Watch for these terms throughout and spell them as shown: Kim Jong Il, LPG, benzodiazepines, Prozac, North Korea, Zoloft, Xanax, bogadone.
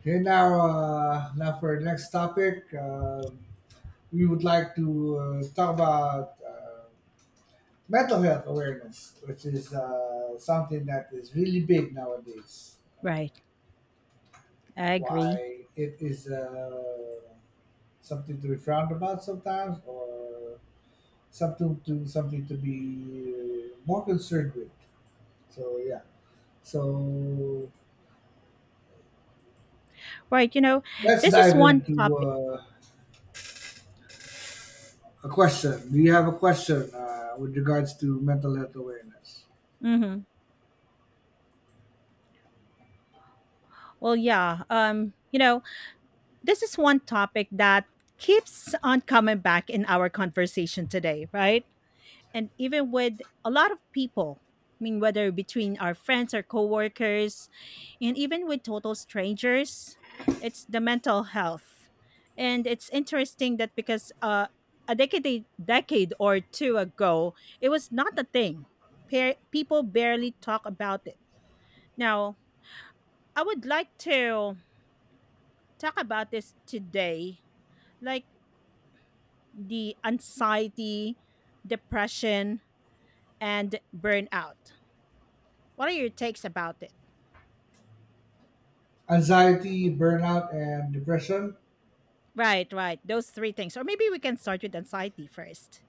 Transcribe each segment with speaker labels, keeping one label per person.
Speaker 1: Okay, now, now for the next topic, we would like to talk about mental health awareness, which is something that is really big nowadays.
Speaker 2: Right. I agree.
Speaker 1: Why it is something to be frowned about sometimes, or something to be more concerned with. So yeah, so
Speaker 2: Right.
Speaker 1: let's
Speaker 2: This is
Speaker 1: dive
Speaker 2: one
Speaker 1: into
Speaker 2: topic.
Speaker 1: a question. Do you have a question with regards to mental health awareness?
Speaker 2: hmm Well, yeah. This is one topic that keeps on coming back in our conversation today, right? And even with a lot of people. I mean, whether between our friends or coworkers, and even with total strangers, it's the mental health. And it's interesting that because a decade or two ago, it was not a thing. People barely talk about it. Now, I would like to talk about this today, like the anxiety, depression, and burnout. What are your takes about it?
Speaker 1: Anxiety, burnout, and depression?
Speaker 2: Right, right. Those three things. Or maybe we can start with anxiety first.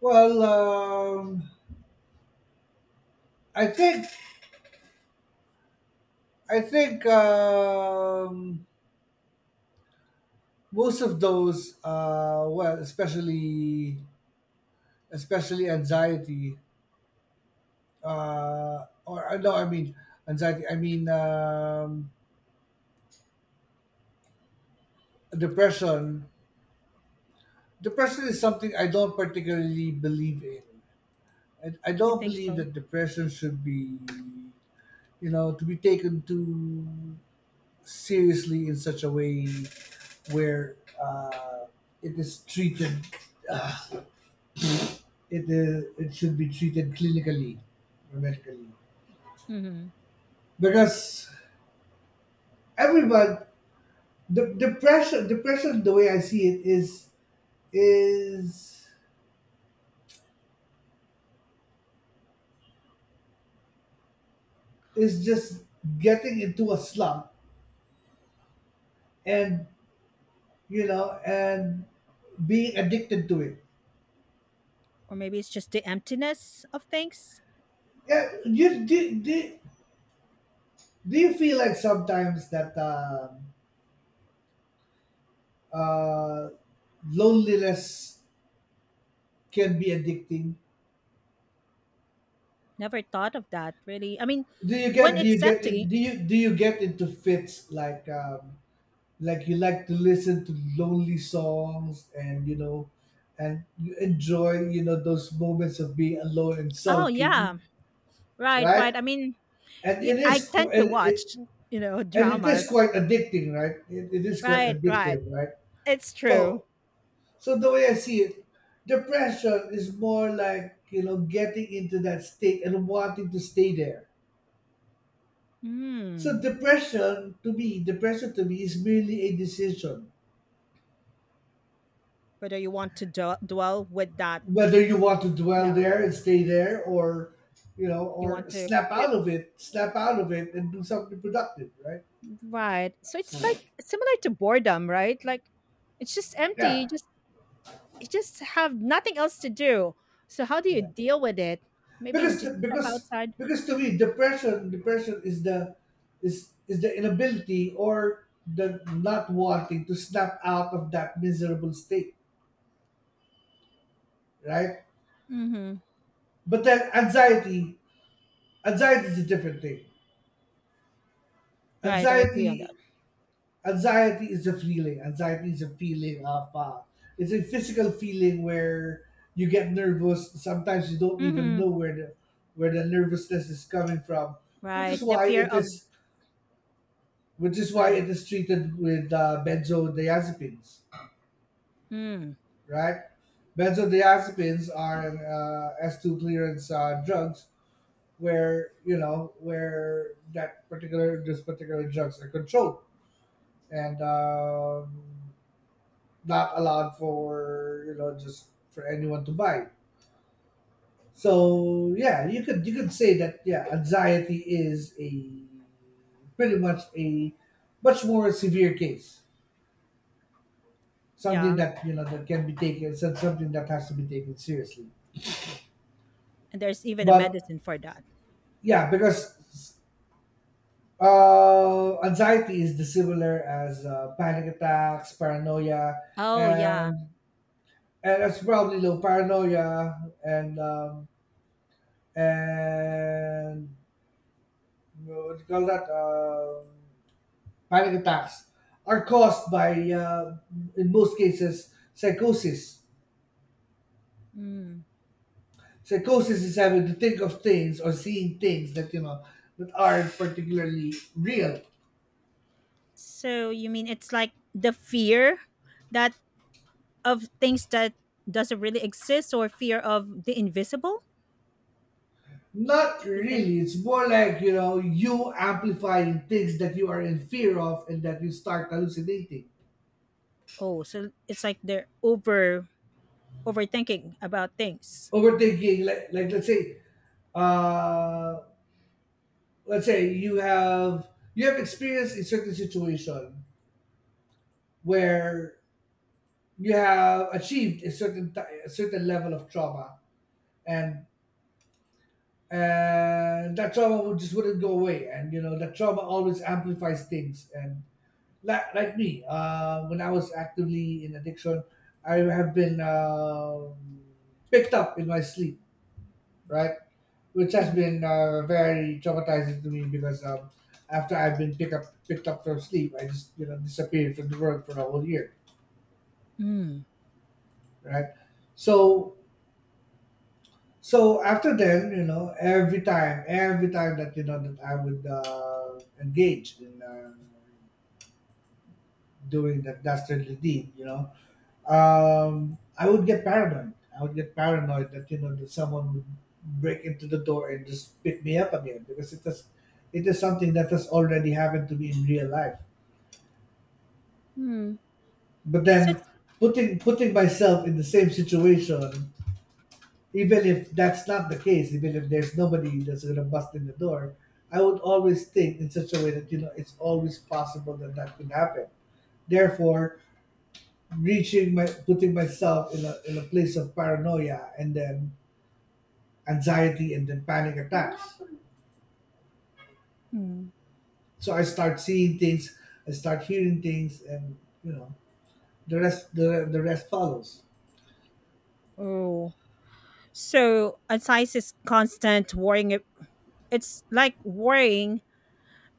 Speaker 1: Well, I think I think most of those, especially anxiety, or no, I mean anxiety. I mean depression. Depression is something I don't particularly believe in. I
Speaker 2: You
Speaker 1: don't
Speaker 2: think
Speaker 1: believe
Speaker 2: so?
Speaker 1: that depression should be, you know, to be taken to seriously in such a way where uh, it is treated uh, it should be treated clinically or medically
Speaker 2: Hmm.
Speaker 1: because everyone the depression depression, the way I see it, is is just getting into a slump and, you know, and being addicted to it.
Speaker 2: Or maybe it's just the emptiness of things.
Speaker 1: Yeah, do you feel like sometimes that uh, loneliness can be addicting.
Speaker 2: Never thought of that, really. I mean, when
Speaker 1: Do you
Speaker 2: it's
Speaker 1: get in-
Speaker 2: empty,
Speaker 1: do you do you get into fits like, like you like to listen to lonely songs, and you know, and you enjoy, you know, those moments of being alone and
Speaker 2: oh, yeah,
Speaker 1: sulking,
Speaker 2: right,
Speaker 1: right?
Speaker 2: right. I mean,
Speaker 1: And
Speaker 2: yeah,
Speaker 1: it
Speaker 2: I
Speaker 1: is qu-
Speaker 2: tend to
Speaker 1: and it
Speaker 2: watch, you know,
Speaker 1: and it is
Speaker 2: dramas.
Speaker 1: quite addicting, right? It is quite
Speaker 2: Right, right.
Speaker 1: addictive, right?
Speaker 2: It's true.
Speaker 1: So So the way I see it, depression is more like, you know, getting into that state and wanting to stay there.
Speaker 2: Hmm.
Speaker 1: Depression to me is merely a decision
Speaker 2: Whether you want to dwell with that,
Speaker 1: whether you want to dwell
Speaker 2: yeah,
Speaker 1: there and stay there, or, you know,
Speaker 2: you want
Speaker 1: or
Speaker 2: to. Yeah.
Speaker 1: snap out of it, and do something productive, right?
Speaker 2: Right. So it's like similar to boredom, right? Like it's just empty. You
Speaker 1: Yeah,
Speaker 2: just you just have nothing else to do. So how do you
Speaker 1: yeah.
Speaker 2: deal with it? Maybe you
Speaker 1: because the,
Speaker 2: just step
Speaker 1: because
Speaker 2: outside.
Speaker 1: because to me, depression is the inability or the not wanting to snap out of that miserable state, right?
Speaker 2: Mm-hmm.
Speaker 1: But then, anxiety is a different thing.
Speaker 2: Right. I agree on
Speaker 1: anxiety
Speaker 2: that.
Speaker 1: Anxiety is a feeling. Anxiety is a feeling of It's a physical feeling where you get nervous, sometimes you don't even
Speaker 2: Mm-hmm.
Speaker 1: know where the nervousness is coming from, which
Speaker 2: Right.
Speaker 1: is
Speaker 2: The
Speaker 1: why
Speaker 2: fear
Speaker 1: it
Speaker 2: of.
Speaker 1: is which is why
Speaker 2: Right.
Speaker 1: it is treated with benzodiazepines,
Speaker 2: Mm.
Speaker 1: right? Benzodiazepines are S2 clearance drugs where, you know, where this particular drugs are controlled, and not allowed for, you know, just for anyone to buy. So yeah, you could say that, yeah, anxiety is a pretty much a much more severe case,
Speaker 2: Yeah.
Speaker 1: something that, you know, that can be something that has to be taken seriously.
Speaker 2: And there's even a
Speaker 1: But
Speaker 2: medicine for that.
Speaker 1: yeah, because anxiety is dissimilar as panic attacks, paranoia,
Speaker 2: Oh yeah.
Speaker 1: and that's probably low paranoia, and what do you call that panic attacks are caused by, in most cases, psychosis.
Speaker 2: Mm.
Speaker 1: Psychosis is having to think of things or seeing things that, you know, that aren't particularly real.
Speaker 2: So you mean it's like the fear that of things that doesn't really exist, or fear of the invisible?
Speaker 1: Not
Speaker 2: You think.
Speaker 1: really. It's more like, you know, you amplifying things that you are in fear of, and that you start hallucinating,
Speaker 2: Oh, so it's like they're overthinking about things.
Speaker 1: overthinking. Like let's say, uh, you have experienced a certain situation where you have achieved a certain level of trauma, and that trauma would just wouldn't go away, and, you know, that trauma always amplifies things. And like, me, when I was actively in addiction, I have been, picked up in my sleep, right? Which has
Speaker 2: Mm-hmm.
Speaker 1: been, very traumatizing to me, because, after I've been picked up from sleep, I just, you know, disappeared from the world for a whole year,
Speaker 2: Mm.
Speaker 1: right? so So after then, you know, every time that, you know, that I would, engage in, doing that dastardly deed, you know, I would get paranoid. I would get paranoid that, you know, that someone would break into the door and just pick me up again, because it is something that has already happened to me in real life.
Speaker 2: Mm.
Speaker 1: But
Speaker 2: So
Speaker 1: then,
Speaker 2: it's.
Speaker 1: putting myself in the same situation, even if that's not the case, even if there's nobody that's gonna bust in the door, I would always think in such a way that, you know, it's always possible that that could happen. Therefore, reaching my putting myself in a place of paranoia, and then anxiety, and then panic attacks.
Speaker 2: Hmm.
Speaker 1: So I start seeing things, I start hearing things, and, you know, the rest follows,
Speaker 2: Oh, so anxiety is constant worrying. It's like worrying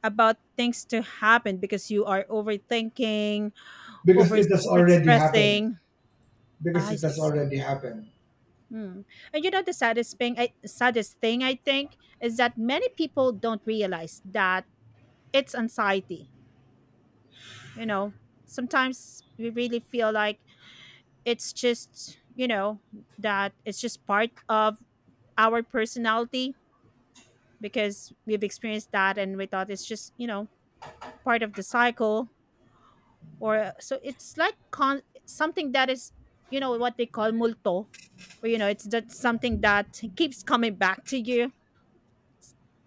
Speaker 2: about things to happen because you are overthinking,
Speaker 1: because
Speaker 2: over
Speaker 1: it has already happened.
Speaker 2: stressing.
Speaker 1: Because
Speaker 2: I
Speaker 1: it has
Speaker 2: s-.
Speaker 1: already happened.
Speaker 2: Hmm. And the saddest thing, saddest thing I think is that many people don't realize that it's anxiety. you know sometimes we really feel like it's just, that it's just part of our personality, because we've experienced that and we thought it's just, part of the cycle, or so it's like something that is, you know, what they call multo, or it's that something that keeps coming back to you.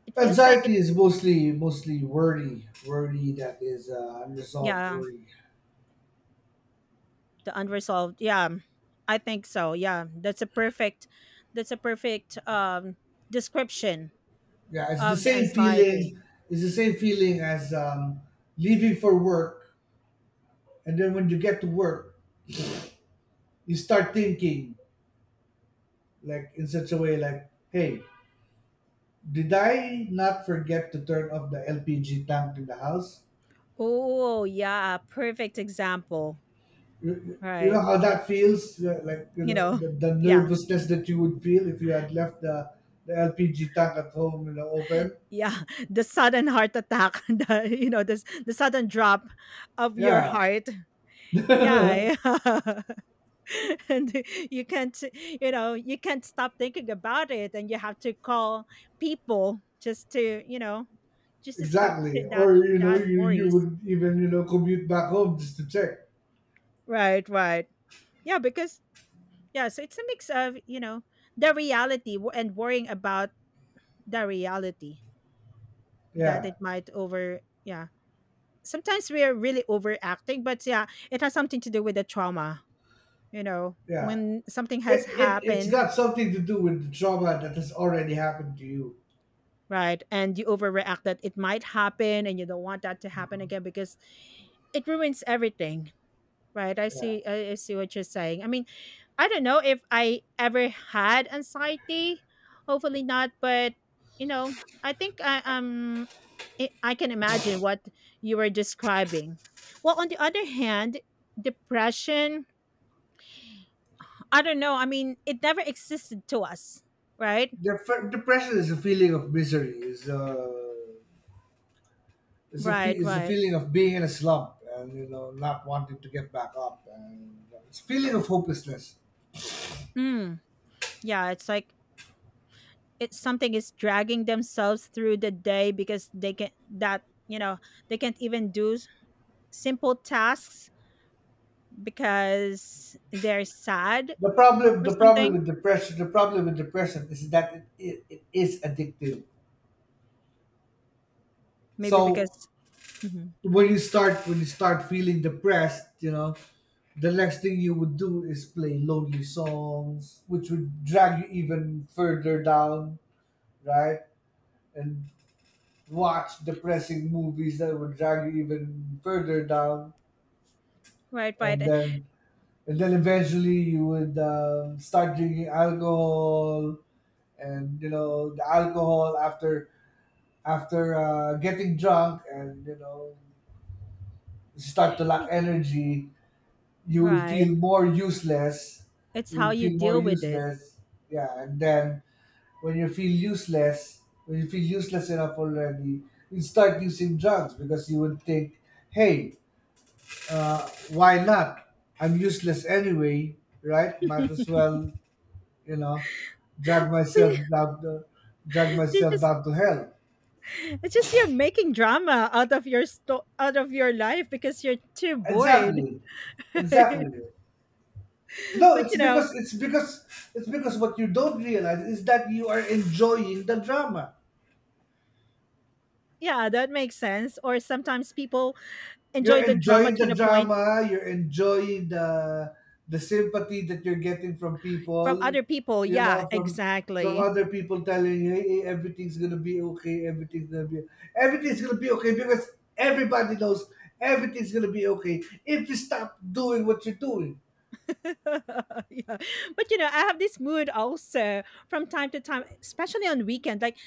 Speaker 2: It feels like it.
Speaker 1: Anxiety is mostly worry that is, unresolved
Speaker 2: Yeah,
Speaker 1: worry.
Speaker 2: the unresolved, yeah, I think so, yeah, that's a perfect, that's a perfect um description
Speaker 1: Yeah, it's the
Speaker 2: of the
Speaker 1: same
Speaker 2: anxiety.
Speaker 1: feeling. It's the same feeling as, leaving for work, and then when you get to work, you start thinking like, in such a way like, "Hey, did I not forget to turn off the LPG tank in the house?"
Speaker 2: Oh yeah, perfect example,
Speaker 1: You know
Speaker 2: right,
Speaker 1: how that feels, like, you
Speaker 2: you
Speaker 1: know,
Speaker 2: know
Speaker 1: the
Speaker 2: yeah.
Speaker 1: nervousness that you would feel if you had left the LPG tank at home, you know, open.
Speaker 2: Yeah, the sudden heart attack, the, this the sudden drop of your
Speaker 1: Yeah.
Speaker 2: heart. Yeah. And you can't, stop thinking about it, and you have to call people just to, stop
Speaker 1: Exactly.
Speaker 2: that
Speaker 1: Or, you know,
Speaker 2: that
Speaker 1: you
Speaker 2: worries.
Speaker 1: would even, you know, commute back home just to check.
Speaker 2: Right, right. Yeah, because, yeah, so it's a mix of, you know, the reality, and worrying about the reality, that
Speaker 1: Yeah,
Speaker 2: it might over, yeah, sometimes we are really overacting, but yeah, it has something to do with the trauma,
Speaker 1: yeah.
Speaker 2: when something has
Speaker 1: It's
Speaker 2: happened,
Speaker 1: got something to do with the trauma that has already happened to you.
Speaker 2: right? And you overreact that it might happen and you don't want that to happen again, because it ruins everything, right? I
Speaker 1: Yeah.
Speaker 2: see, I, I see what you're saying. I mean, I don't know if I ever had anxiety, hopefully not, but you know, I think I can imagine what you were describing. Well, on the other hand, depression, I don't know. I mean, it never existed to us, right?
Speaker 1: Depression is a feeling of misery.
Speaker 2: Right,
Speaker 1: Is a
Speaker 2: right.
Speaker 1: feeling of being in a slump and, you know, not wanting to get back up, and it's a feeling of hopelessness.
Speaker 2: Mm. Yeah, it's like, it's something is dragging themselves through the day, because they can that you know they can't even do simple tasks because they're sad or something.
Speaker 1: The problem with depression is that, it is addictive.
Speaker 2: Maybe
Speaker 1: So,
Speaker 2: because. Mhm.
Speaker 1: when you start feeling depressed, you know, the next thing you would do is play lonely songs, which would drag you even further down, right? And watch depressing movies that would drag you even further down,
Speaker 2: Right, right,
Speaker 1: and
Speaker 2: eh,
Speaker 1: then and then eventually you would, start drinking alcohol. And, you know, the alcohol after after, getting drunk and, you know, you start to lack
Speaker 2: y-
Speaker 1: energy, you would
Speaker 2: right.
Speaker 1: feel more useless.
Speaker 2: It's
Speaker 1: You
Speaker 2: how
Speaker 1: would
Speaker 2: you
Speaker 1: feel more
Speaker 2: deal with it.
Speaker 1: useless. Yeah, and then, when you feel useless, when you feel useless enough already, you start using drugs, because you would think, hey, why not? I'm useless anyway, right? Might as well, you know, drag
Speaker 2: So
Speaker 1: myself
Speaker 2: you-.
Speaker 1: down, the, drag
Speaker 2: you're
Speaker 1: myself
Speaker 2: just
Speaker 1: down to hell.
Speaker 2: It's just you're making drama out of your life because you're too bored.
Speaker 1: Exactly, exactly. No,
Speaker 2: But,
Speaker 1: it's because what you don't realize is that you are enjoying the drama.
Speaker 2: yeah, that makes sense. Or sometimes people
Speaker 1: You're
Speaker 2: enjoy the drama
Speaker 1: enjoying
Speaker 2: to
Speaker 1: the
Speaker 2: the point
Speaker 1: drama. You're enjoying the sympathy that you're getting from
Speaker 2: from
Speaker 1: people.
Speaker 2: other people.
Speaker 1: You
Speaker 2: Yeah,
Speaker 1: know, from
Speaker 2: exactly.
Speaker 1: other people telling you, hey, everything's gonna be okay. Because everybody knows everything's gonna be okay if you stop doing what you're doing.
Speaker 2: yeah. But, I have this mood also from time to time, especially on weekend. Like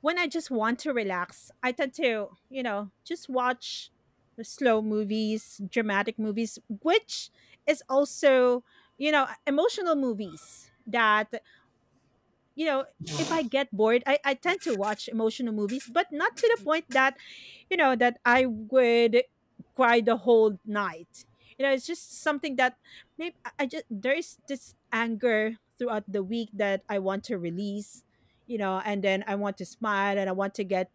Speaker 2: when I just want to relax, I tend to, you know, just watch the slow movies, dramatic movies, which is also, you know, emotional movies, that, you know if I get bored, I tend to watch emotional movies, but not to the point that, that I would cry the whole night. It's just something that maybe I just there is this anger throughout the week that I want to release, and then I want to smile and I want to get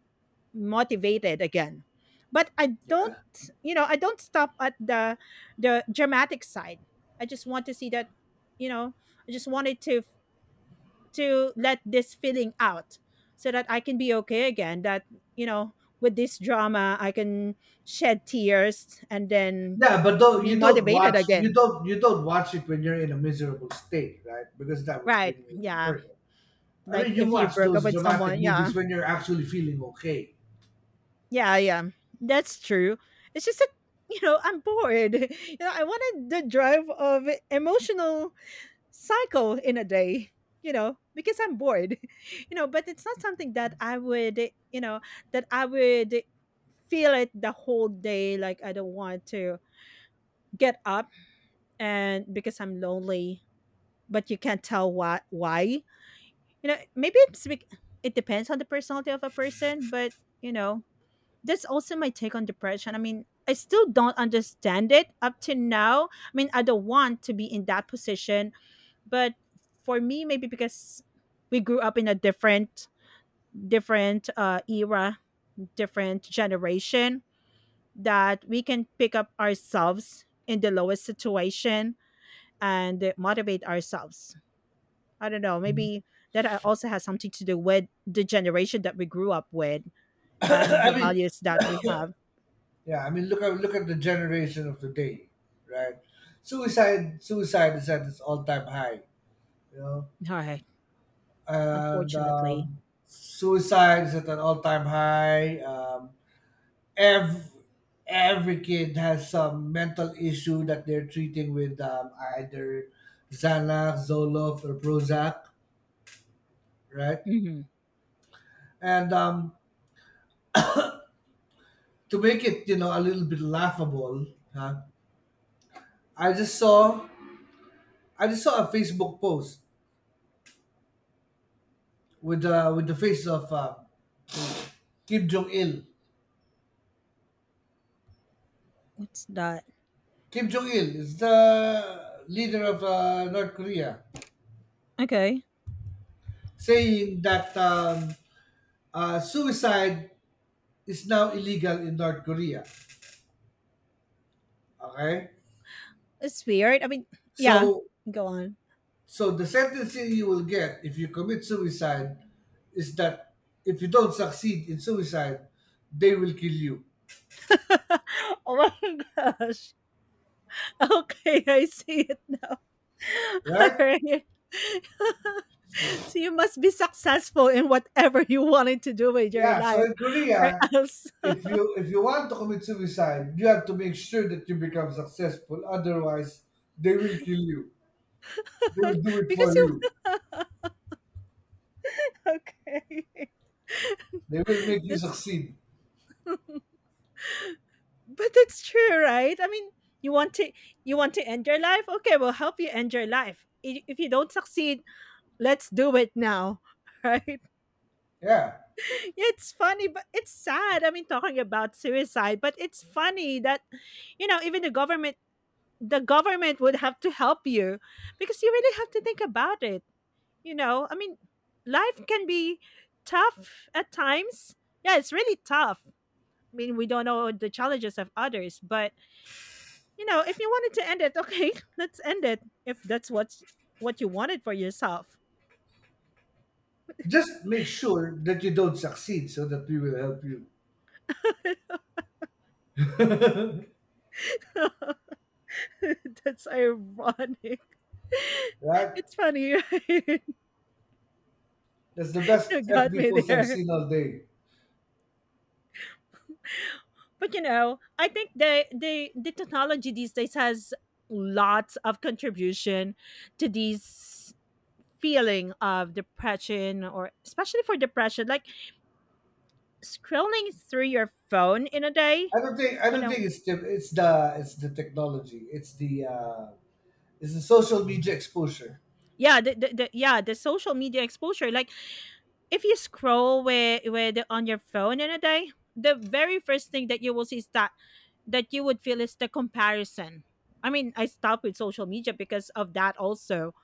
Speaker 2: motivated again. But i don't
Speaker 1: Yeah.
Speaker 2: you know i don't stop at the dramatic side. I just want to see that, you know I just wanted to let this feeling out, so that I can be okay again. That, you know, with this drama, I can shed tears and then
Speaker 1: Yeah, but though
Speaker 2: be
Speaker 1: you don't
Speaker 2: motivated
Speaker 1: watch,
Speaker 2: again.
Speaker 1: you don't watch it when you're in a miserable state, right? Because that would
Speaker 2: Right.
Speaker 1: bring you even
Speaker 2: Yeah.
Speaker 1: further. I
Speaker 2: Like
Speaker 1: mean, you
Speaker 2: if you
Speaker 1: watch
Speaker 2: broke up
Speaker 1: those
Speaker 2: with
Speaker 1: dramatic
Speaker 2: someone. Yeah.
Speaker 1: movies when you're actually feeling okay.
Speaker 2: Yeah. Yeah. That's true. It's just that, you know, I'm bored. You know, I wanted the drive of emotional cycle in a day, because I'm bored. But it's not something that I would you know that I would feel it the whole day, like I don't want to get up, and because I'm lonely, but you can't tell why, maybe it's it depends on the personality of a person. But, you know that's also my take on depression. I mean, I still don't understand it up to now. I mean, I don't want to be in that position, but for me, maybe because we grew up in a different, era, different generation, that we can pick up ourselves in the lowest situation and motivate ourselves. I don't know, maybe that, also has something to do with the generation that we grew up with, and
Speaker 1: I
Speaker 2: the
Speaker 1: mean,
Speaker 2: values that we have.
Speaker 1: yeah, I mean, look at the generation of today, right? Suicide is at its all time high, you know,
Speaker 2: All right.
Speaker 1: and,
Speaker 2: Unfortunately.
Speaker 1: suicide is at an all time high. Every every kid has some mental issue that they're treating with, either Xanax, Zoloft, or Prozac, right?
Speaker 2: Hmm.
Speaker 1: And, to make it, you know, a little bit laughable, huh? I just saw I just saw a Facebook post with, with the face of, Kim Jong Il.
Speaker 2: What's that?
Speaker 1: Kim Jong Il is the leader of, North Korea,
Speaker 2: Okay.
Speaker 1: saying that, suicide is now illegal in North Korea. Okay.
Speaker 2: It's weird, I mean, yeah,
Speaker 1: So,
Speaker 2: go on.
Speaker 1: so the sentence you will get if you commit suicide is that, if you don't succeed in suicide, they will kill you,
Speaker 2: Oh my gosh. Okay, I see it.
Speaker 1: right?
Speaker 2: Alright. So you must be successful in whatever you wanted to do with your
Speaker 1: Yeah. So
Speaker 2: life,
Speaker 1: in
Speaker 2: or
Speaker 1: Korea,
Speaker 2: else.
Speaker 1: if you want to commit suicide, you have to make sure that you become successful. Otherwise, they will kill you. They will do it
Speaker 2: Because
Speaker 1: for
Speaker 2: you.
Speaker 1: you.
Speaker 2: Okay.
Speaker 1: They will make you
Speaker 2: That's.
Speaker 1: succeed.
Speaker 2: But that's true, right? I mean, you want to you want to end your life? Okay, we'll help you end your life. If you don't succeed, let's do it now. Right?
Speaker 1: Yeah.
Speaker 2: Yeah, it's funny, but it's sad. I mean, talking about suicide, but it's funny that, even the government, the government would have to help you, because you really have to think about it. I mean, life can be tough at times. Yeah, it's really tough. I mean, we don't know the challenges of others, but, if you wanted to end it, okay, let's end it. If that's what's what you wanted for yourself.
Speaker 1: Just make sure that you don't succeed so that we will help you.
Speaker 2: That's ironic.
Speaker 1: Right?
Speaker 2: It's funny, right?
Speaker 1: That's the best
Speaker 2: You got
Speaker 1: FB
Speaker 2: me
Speaker 1: post I've
Speaker 2: there.
Speaker 1: seen all day.
Speaker 2: But, I think the technology these days has lots of contribution to these feeling of depression, or especially for depression, like scrolling through your phone in a day,
Speaker 1: I
Speaker 2: you
Speaker 1: don't
Speaker 2: know.
Speaker 1: think it's the technology. It's the, it's the social media exposure.
Speaker 2: Yeah, the yeah, the social media exposure, like if you scroll with on your phone in a day, the very first thing that you will see is that you would feel is the comparison. I mean, I stopped with social media because of that also,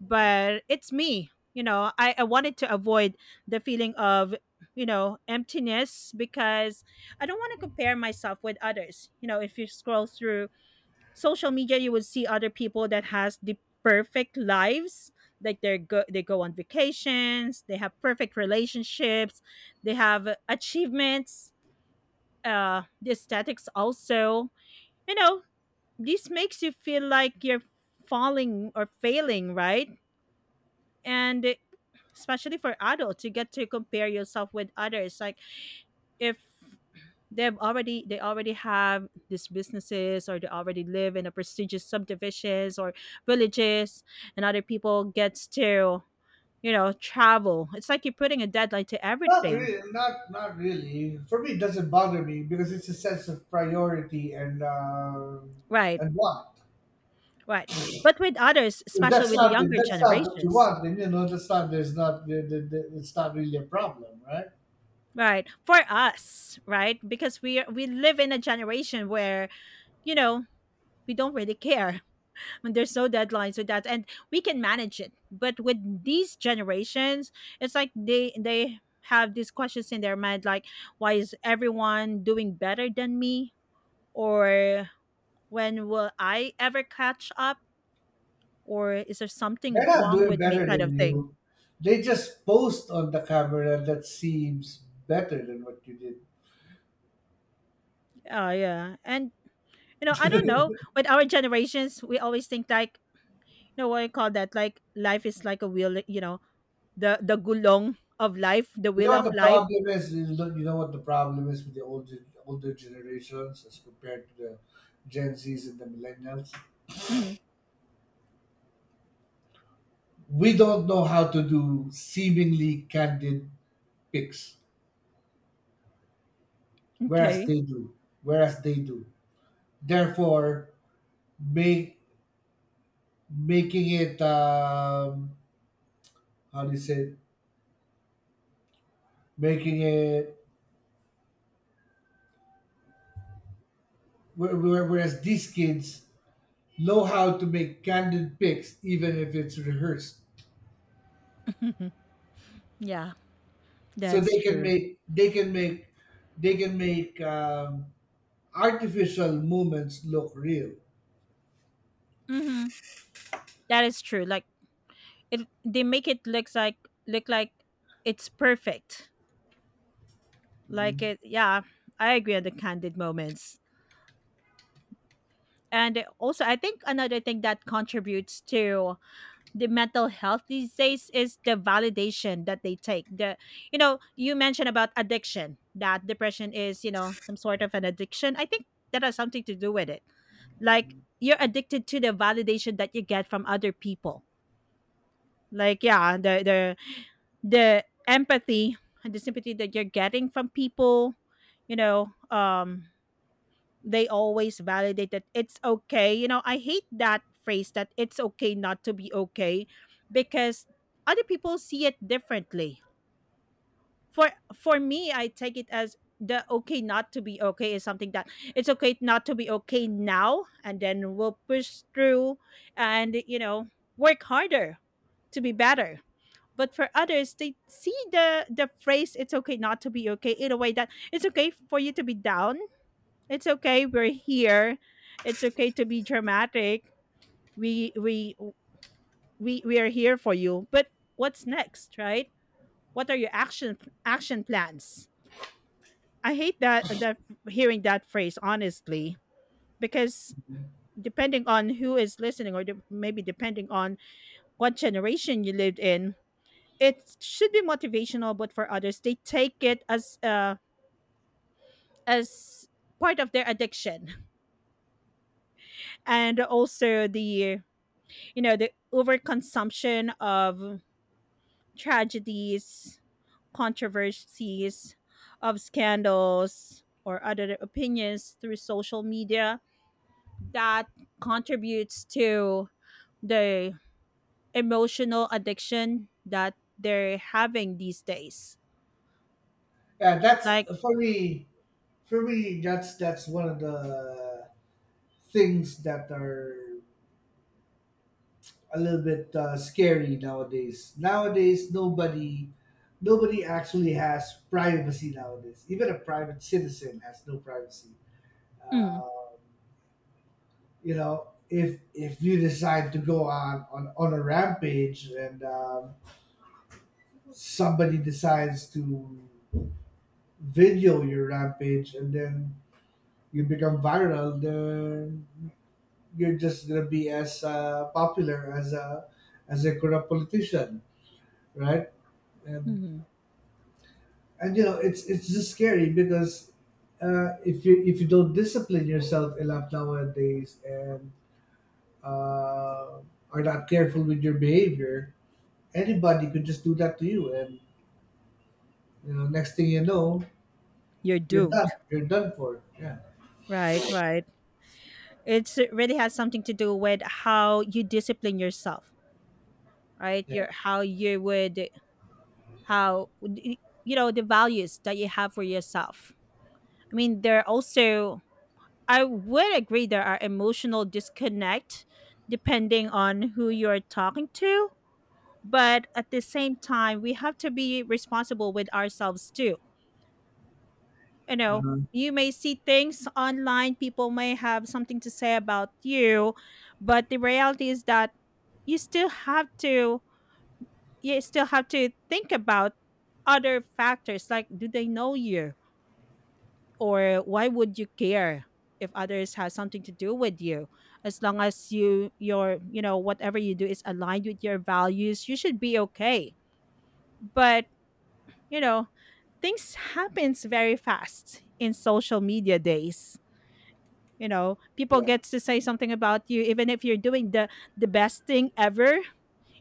Speaker 2: but it's me, I wanted to avoid the feeling of, emptiness, because I don't want to compare myself with others. If you scroll through social media, you would see other people that has the perfect lives, like they're they go on vacations, they have perfect relationships, they have achievements, the aesthetics also, you know this makes you feel like you're falling or failing, right? And especially for adults, you get to compare yourself with others, like if they already have these businesses, or they already live in a prestigious subdivisions or villages, and other people gets to, travel. It's like you're putting a deadline to
Speaker 1: Not
Speaker 2: everything,
Speaker 1: really, not really. For me, it doesn't bother me, because it's a sense of priority and,
Speaker 2: right,
Speaker 1: and want.
Speaker 2: right, but with others, especially with the
Speaker 1: If
Speaker 2: younger
Speaker 1: that's not what you
Speaker 2: generations,
Speaker 1: want, then, you know, that's not there's not there- there- there- it's not really a problem, right?
Speaker 2: right, for us, right, because we live in a generation where, you know we don't really care, and there's no deadlines with that, and we can manage it, but with these generations, it's like they have these questions in their mind, like why is everyone doing better than me, or when will I ever catch up, or is there
Speaker 1: They're
Speaker 2: something
Speaker 1: not
Speaker 2: wrong
Speaker 1: doing
Speaker 2: with me,
Speaker 1: better
Speaker 2: kind of
Speaker 1: than
Speaker 2: thing.
Speaker 1: you. They just post on the camera that seems better than what you did.
Speaker 2: Oh yeah, and, I don't know, with our generations we always think like, you know what I call that, like life is like a wheel, you know, the gulong of life, the
Speaker 1: You know
Speaker 2: wheel
Speaker 1: what
Speaker 2: of
Speaker 1: the
Speaker 2: life.
Speaker 1: problem is? You know what the problem is with the older generations as compared to the Gen Zs and the millennials?
Speaker 2: Mhm.
Speaker 1: We don't know how to do seemingly candid pics, whereas
Speaker 2: Okay.
Speaker 1: they do. Whereas they do. Therefore, make making it how do you say? Making it whereas these kids know how to make candid pics, even if it's rehearsed.
Speaker 2: Yeah.
Speaker 1: So
Speaker 2: That's
Speaker 1: they can
Speaker 2: true.
Speaker 1: make they can make they can make artificial movements look real.
Speaker 2: Mhm. That is true. Like it they make it look like it's perfect. Like it, yeah, I agree on the candid moments. And also I think another thing that contributes to the mental health these days is the validation that they take. The You know, you mentioned about addiction, that depression is, some sort of an addiction. I think that has something to do with it. Like you're addicted to the validation that you get from other people. Like yeah, the empathy and the sympathy that you're getting from people you know um they always validate that it's okay. I hate that phrase that it's okay not to be okay, because other people see it differently. For for me, I take it as the "okay not to be okay" is something that it's okay not to be okay now, and then we'll push through and work harder to be better. But for others, they see the phrase "it's okay not to be okay" in a way that it's okay for you to be down, it's okay, we're here, it's okay to be dramatic, we we we are here for you. But what's next, right? What are your action plans? I hate that that hearing that phrase, honestly, because depending on who is listening, or maybe depending on what generation you lived in, it should be motivational, but for others they take it as part of their addiction. And also the, the overconsumption of tragedies, controversies, of scandals or other opinions through social media, that contributes to the emotional addiction that they're having these days.
Speaker 1: Yeah, that's
Speaker 2: Like.
Speaker 1: for me for me, that's one of the things that are a little bit scary nowadays. Nobody actually has privacy nowadays. Even a private citizen has no privacy.
Speaker 2: Mm.
Speaker 1: um, you know, if you decide to go on a rampage, and somebody decides to video your rampage, and then you become viral, then you're just gonna be as popular as a corrupt politician, right? And
Speaker 2: Mhm.
Speaker 1: and you know, it's just scary because if you don't discipline yourself enough nowadays, and uh, are not careful with your behavior, anybody could just do that to you. And you know, next thing you know,
Speaker 2: You're
Speaker 1: you're
Speaker 2: doomed.
Speaker 1: done. You're done for. Yeah.
Speaker 2: Right, right, it really has something to do with how you discipline yourself, right? Your, how you would, how you know, the values that you have for yourself. I mean, there are also, I would agree, there are emotional disconnect depending on who you're talking to, but at the same time we have to be responsible with ourselves too, you know.
Speaker 1: Uh-huh.
Speaker 2: You may see things online, people may have something to say about you, but the reality is that you still have to you still have to think about other factors, like do they know you, or why would you care if others has something to do with you? As long as you, your, you know, whatever you do is aligned with your values, you should be okay. But you know, things happens very fast in social media days. You know, people
Speaker 1: Yeah,
Speaker 2: gets to say something about you, even if you're doing the best thing ever.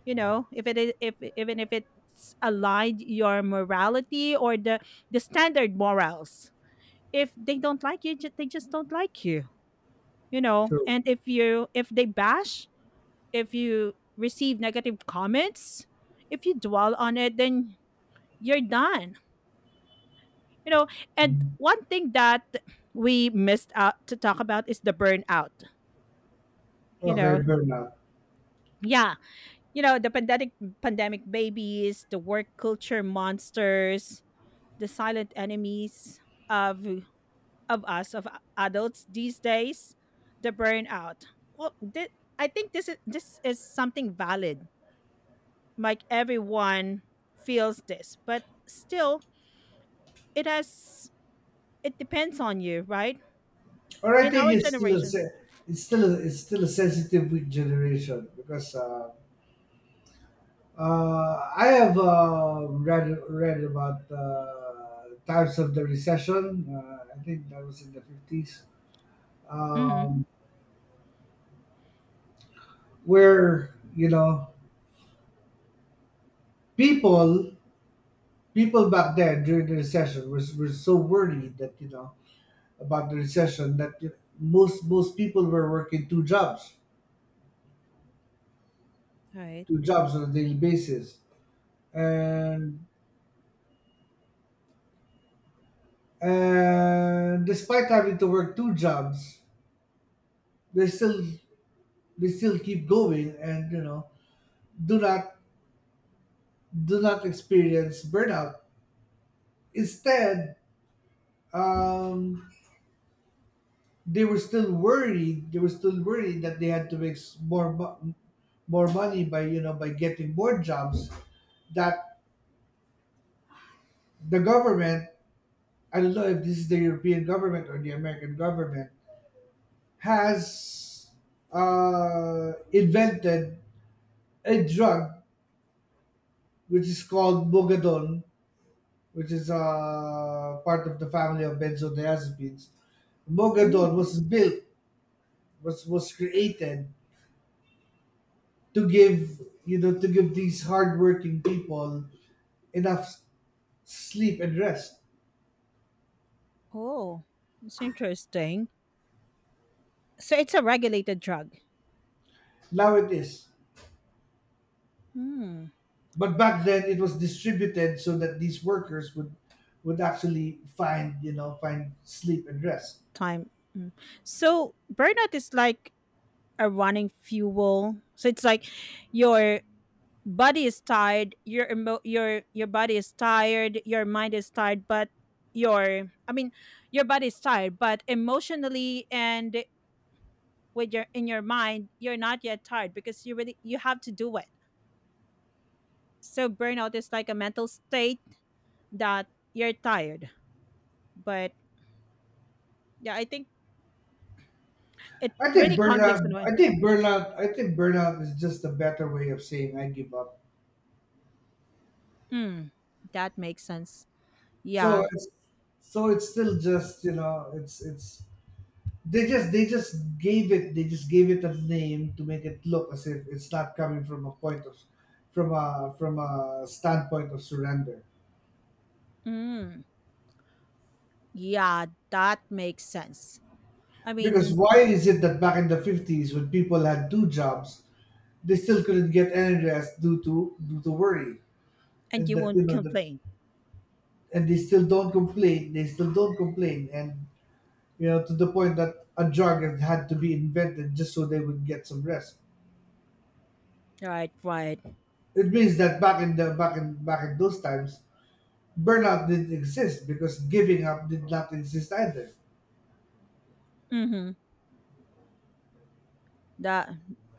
Speaker 2: You know, if it is, if even if it's aligned your morality or the standard morals, if they don't like you, they just don't like you. You know,
Speaker 1: true.
Speaker 2: and if they bash, if you receive negative comments, if you dwell on it, then you're done, you know. And
Speaker 1: Mhm.
Speaker 2: one thing that we missed out to talk about is the burnout, you know.
Speaker 1: Okay, burnout.
Speaker 2: Yeah, you know, the pandemic, pandemic babies, the work culture monsters, the silent enemies of of us of adults these days, the burnout. Well, I think this is something valid. Like everyone feels this, but still, it has, it depends on you, right?
Speaker 1: Or I
Speaker 2: In
Speaker 1: think
Speaker 2: our generation.
Speaker 1: it's still a sensitive weak generation because I have read about times of the recession. I think that was in the 50s,
Speaker 2: Mm-hmm.
Speaker 1: um, where you know people people back then during the recession was were so worried that you know about the recession that you, most people were working two jobs
Speaker 2: Right.
Speaker 1: to jobs on a daily basis. And and despite having to work two jobs, they still they still keep going, and you know, do not do not experience burnout. Instead, um, they were still worried. They were still worried that they had to make more money by you know by getting more jobs. That the government, I don't know if this is the European government or the American government, has invented a drug which is called bogadone, which is part of the family of benzodiazepines. Bogadone
Speaker 2: Mm.
Speaker 1: was built, was created to give to give these hardworking people enough sleep and rest.
Speaker 2: Oh, it's interesting. So it's a regulated drug.
Speaker 1: Now it is,
Speaker 2: Hmm.
Speaker 1: but back then it was distributed so that these workers would actually find you know find sleep and rest.
Speaker 2: Time. Mm. So burnout is like a running fuel. So it's like your body is tired, your your body is tired, your mind is tired, but your I mean, your body is tired but emotionally and with your in your mind you're not yet tired because you really, you have to do it. So burnout is like a mental state that you're tired, but yeah, I think it really conflicts in one.
Speaker 1: I think burnout is just a better way of saying I give up.
Speaker 2: Mm, that makes sense.
Speaker 1: So
Speaker 2: Yeah.
Speaker 1: it's so it's still just, you know, it's they just gave it they just gave it a name to make it look as if it's not coming from a point of, from a standpoint of surrender.
Speaker 2: Mm, yeah, that makes sense, I
Speaker 1: Because
Speaker 2: mean.
Speaker 1: why is it that back in the 50s when people had two jobs, they still couldn't get any rest due to worry,
Speaker 2: And
Speaker 1: and
Speaker 2: you
Speaker 1: that you
Speaker 2: won't
Speaker 1: know that
Speaker 2: complain,
Speaker 1: and they still don't complain. They still don't complain, and you know, to the point that a drug had to be invented just so they would get some rest.
Speaker 2: right, right.
Speaker 1: It means that back in the back in back in those times, burnout didn't exist because giving up did not exist either.
Speaker 2: Mm-hmm. That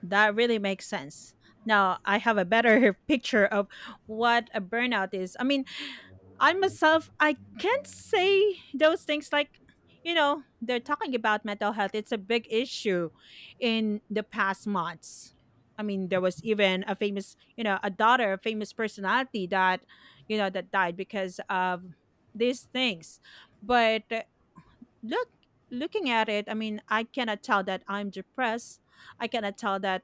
Speaker 2: that really makes sense. Now I have a better picture of what a burnout is. I mean, I myself I can't say those things, like, you know, they're talking about mental health. It's a big issue in the past months. I mean, there was even a famous, you know, a daughter, a famous personality that, you know, that died because of these things. But look looking at it, I mean, I cannot tell that I'm depressed, I cannot tell that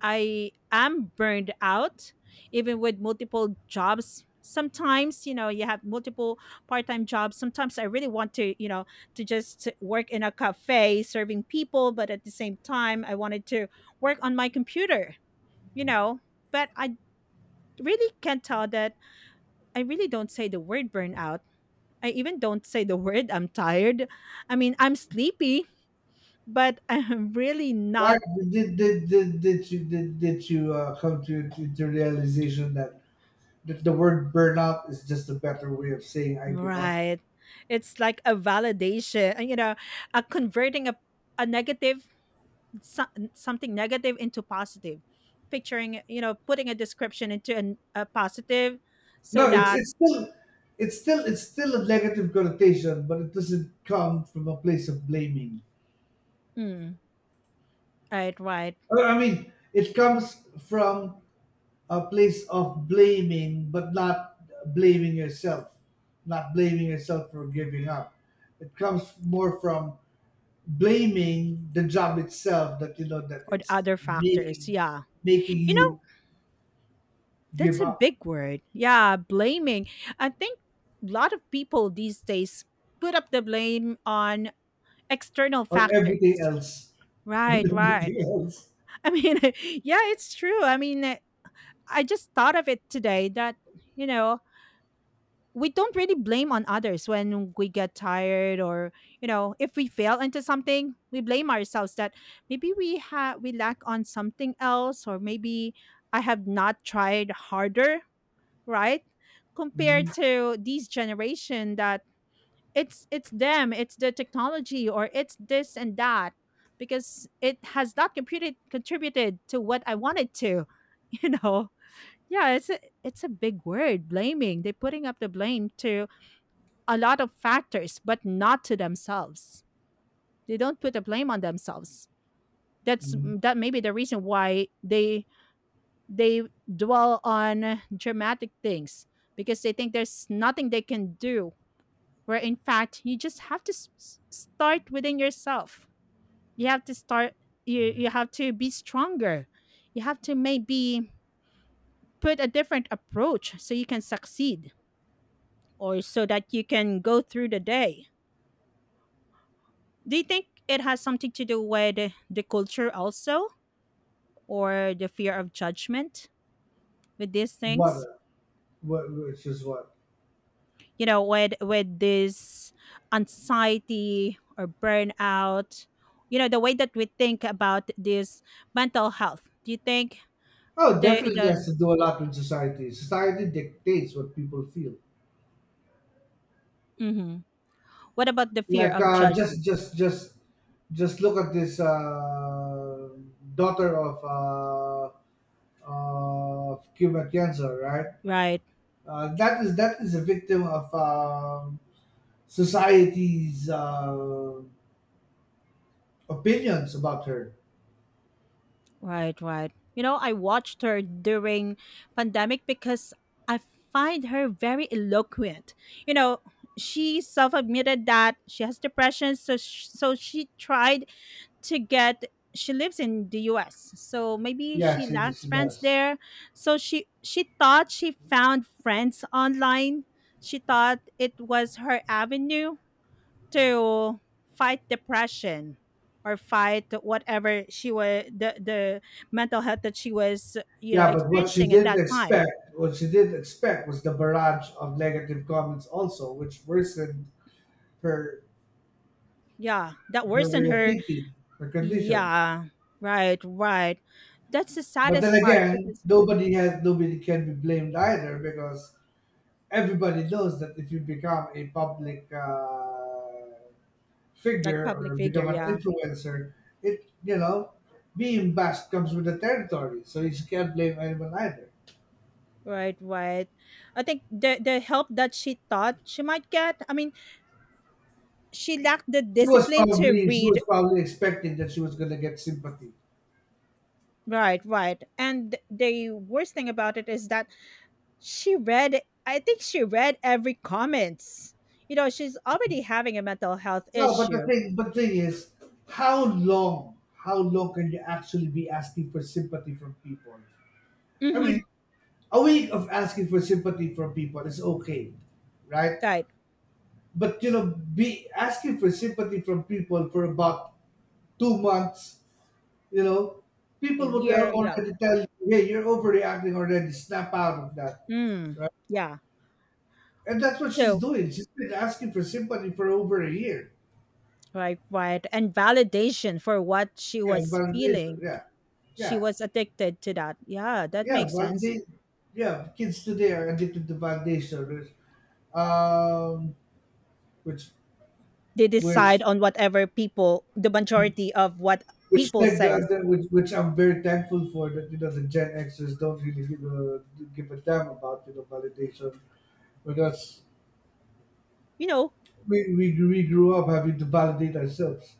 Speaker 2: I am burned out. Even with multiple jobs sometimes, you know, you have multiple part-time jobs, sometimes I really want to, you know, to just work in a cafe serving people, but at the same time I wanted to work on my computer, you know. But I really can't tell that, I really don't say the word burnout. I even don't say the word "I'm tired." I mean, I'm sleepy, but I'm really
Speaker 1: Right?
Speaker 2: not.
Speaker 1: Did you come to the realization that the word burnout is just a better way of saying I give up?
Speaker 2: Right. It's like a validation, you know, a converting a, negative, so- something negative into positive, picturing, you know, putting a description into an, a positive, so
Speaker 1: No, it's
Speaker 2: that,
Speaker 1: it's still it's still it's still a negative connotation, but it doesn't come from a place of blaming.
Speaker 2: mm, right, right,
Speaker 1: I mean, it comes from a place of blaming, but not blaming yourself, not blaming yourself for giving up. It comes more from blaming the job itself, that you know, that
Speaker 2: or the
Speaker 1: it's
Speaker 2: other factors.
Speaker 1: making
Speaker 2: Yeah.
Speaker 1: making
Speaker 2: You know,
Speaker 1: you
Speaker 2: that's
Speaker 1: give
Speaker 2: a
Speaker 1: up
Speaker 2: big word. Yeah, blaming. I think a lot of people these days put up the blame on external
Speaker 1: on everything
Speaker 2: factors.
Speaker 1: else, on
Speaker 2: Right, right.
Speaker 1: everything else.
Speaker 2: I mean, yeah, it's true. I mean, I just thought of it today that, you know, we don't really blame on others when we get tired, or, you know, if we fail into something, we blame ourselves that maybe we lack on something else, or maybe I have not tried harder, right?
Speaker 1: mm
Speaker 2: Compared to these generation that it's them, it's the technology, or it's this and that, because it has not computed, contributed to what I wanted to, you know. Yeah, it's a big word, blaming. They're putting up the blame to a lot of factors but not to themselves, they don't put the blame on themselves.
Speaker 1: mm.
Speaker 2: That may be the reason why they dwell on dramatic things, because they think there's nothing they can do, where in fact you just have to start within yourself. You have to start, you have to be stronger, you have to maybe put a different approach so you can succeed, or so that you can go through the day. Do you think it has something to do with the culture also, or the fear of judgment with these
Speaker 1: What, uh,
Speaker 2: things?
Speaker 1: which is what?
Speaker 2: You know, with this anxiety or burnout, you know, the way that we think about this mental health, do you think?
Speaker 1: Oh, definitely
Speaker 2: The
Speaker 1: has to do a lot with society. Society dictates what people feel.
Speaker 2: Mhm. What about the fear
Speaker 1: Like
Speaker 2: of
Speaker 1: just
Speaker 2: judgment?
Speaker 1: just just just look at this daughter of Cuba cancer, right?
Speaker 2: Right,
Speaker 1: That is a victim of society's opinions about her.
Speaker 2: right, right. You know, I watched her during pandemic because I find her very eloquent. You know, she self-admitted that she has depression, so she tried to get, she lives in the US. So maybe
Speaker 1: Yeah,
Speaker 2: she
Speaker 1: she,
Speaker 2: lacks
Speaker 1: she
Speaker 2: friends
Speaker 1: does.
Speaker 2: there. So she thought she found friends online. She thought it was her avenue to fight depression, or fight whatever she was, the mental health that she was, you know,
Speaker 1: Yeah, but what she
Speaker 2: experiencing at
Speaker 1: didn't
Speaker 2: that time.
Speaker 1: expect, what she didn't expect, was the barrage of negative comments also, which worsened her
Speaker 2: Yeah, that
Speaker 1: her
Speaker 2: worsened
Speaker 1: way of
Speaker 2: her.
Speaker 1: thinking, her condition.
Speaker 2: Yeah, right, right. That's the
Speaker 1: But then
Speaker 2: saddest part
Speaker 1: again,
Speaker 2: because,
Speaker 1: nobody can be blamed either, because everybody knows that if you become a public
Speaker 2: like,
Speaker 1: figure
Speaker 2: public
Speaker 1: or
Speaker 2: figure,
Speaker 1: become an
Speaker 2: yeah.
Speaker 1: influencer, it you know being bashed comes with the territory. So you can't blame anyone either.
Speaker 2: Right, right. I think the help that she thought she might get, I mean, she lacked the
Speaker 1: She was
Speaker 2: discipline to
Speaker 1: probably she
Speaker 2: read.
Speaker 1: was probably expecting that she was gonna get sympathy.
Speaker 2: Right, right. And the worst thing about it is that she read, I think she read every comments. You know, she's already having a mental health
Speaker 1: No, but the
Speaker 2: issue.
Speaker 1: thing but the thing is, how long can you actually be asking for sympathy from people? I
Speaker 2: Mm-hmm.
Speaker 1: mean, a way of asking for sympathy from people is okay, right?
Speaker 2: Right.
Speaker 1: But you know, be asking for sympathy from people for about 2 months, you know,
Speaker 2: A
Speaker 1: people will tell,
Speaker 2: year, yeah.
Speaker 1: already tell you, hey, you're overreacting already. Snap out of that,
Speaker 2: Mm,
Speaker 1: right?
Speaker 2: yeah.
Speaker 1: And that's what she's
Speaker 2: So,
Speaker 1: doing. She's been asking for sympathy for over a year.
Speaker 2: right, right. And validation for what she
Speaker 1: Yeah,
Speaker 2: was
Speaker 1: validation.
Speaker 2: feeling.
Speaker 1: Yeah,
Speaker 2: She
Speaker 1: yeah,
Speaker 2: was addicted to that. Yeah, that
Speaker 1: yeah.
Speaker 2: makes sense.
Speaker 1: Validate. Yeah, kids today are addicted to validation. There's um, which
Speaker 2: They decide
Speaker 1: which
Speaker 2: on whatever people, the majority of what
Speaker 1: Which,
Speaker 2: people
Speaker 1: thank God,
Speaker 2: says,
Speaker 1: that which I'm very thankful for that you know the Gen Xers don't really give a damn about validation, because
Speaker 2: you know.
Speaker 1: we grew up having to validate ourselves.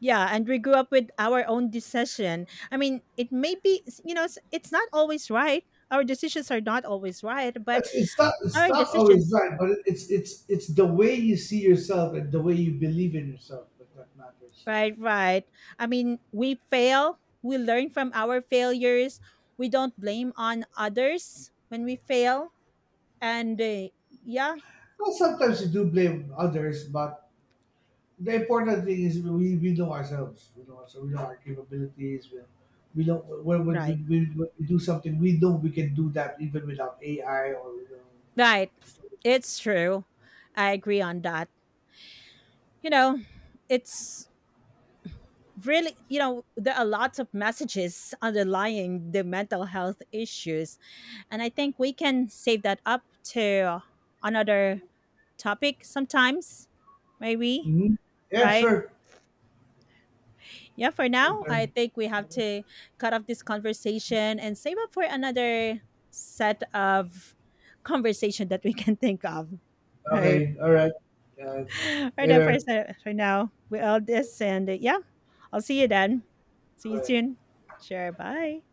Speaker 2: Yeah, and we grew up with our own decision, I mean, it may be, you know, it's not always right, our decisions are not always right, but
Speaker 1: It's, it's not it's
Speaker 2: our
Speaker 1: not always
Speaker 2: decisions.
Speaker 1: right, but it's the way you see yourself and the way you believe in yourself that matters.
Speaker 2: Right, right. I mean, we fail, we learn from our failures. We don't blame on others when we fail. And yeah,
Speaker 1: Well, sometimes you do blame others, but the important thing is we know ourselves. You know, so we know our capabilities. We know when, when,
Speaker 2: right.
Speaker 1: when, we, when we do something. We know we can do that even without AI or. You know.
Speaker 2: Right. It's true. I agree on that. You know, it's really, you know, there are lots of messages underlying the mental health issues. And I think we can save that up to another topic sometimes, maybe,
Speaker 1: Mhm. Yeah,
Speaker 2: right?
Speaker 1: sure.
Speaker 2: Yeah, for now, I
Speaker 1: Okay.
Speaker 2: think we have to cut off this conversation and save up for another set of conversation that we can think of, right?
Speaker 1: Okay. All right. Uh,
Speaker 2: Right then,
Speaker 1: Later.
Speaker 2: first, for now, we all this, and yeah, I'll see you then. See you
Speaker 1: Bye.
Speaker 2: soon. Sure, bye.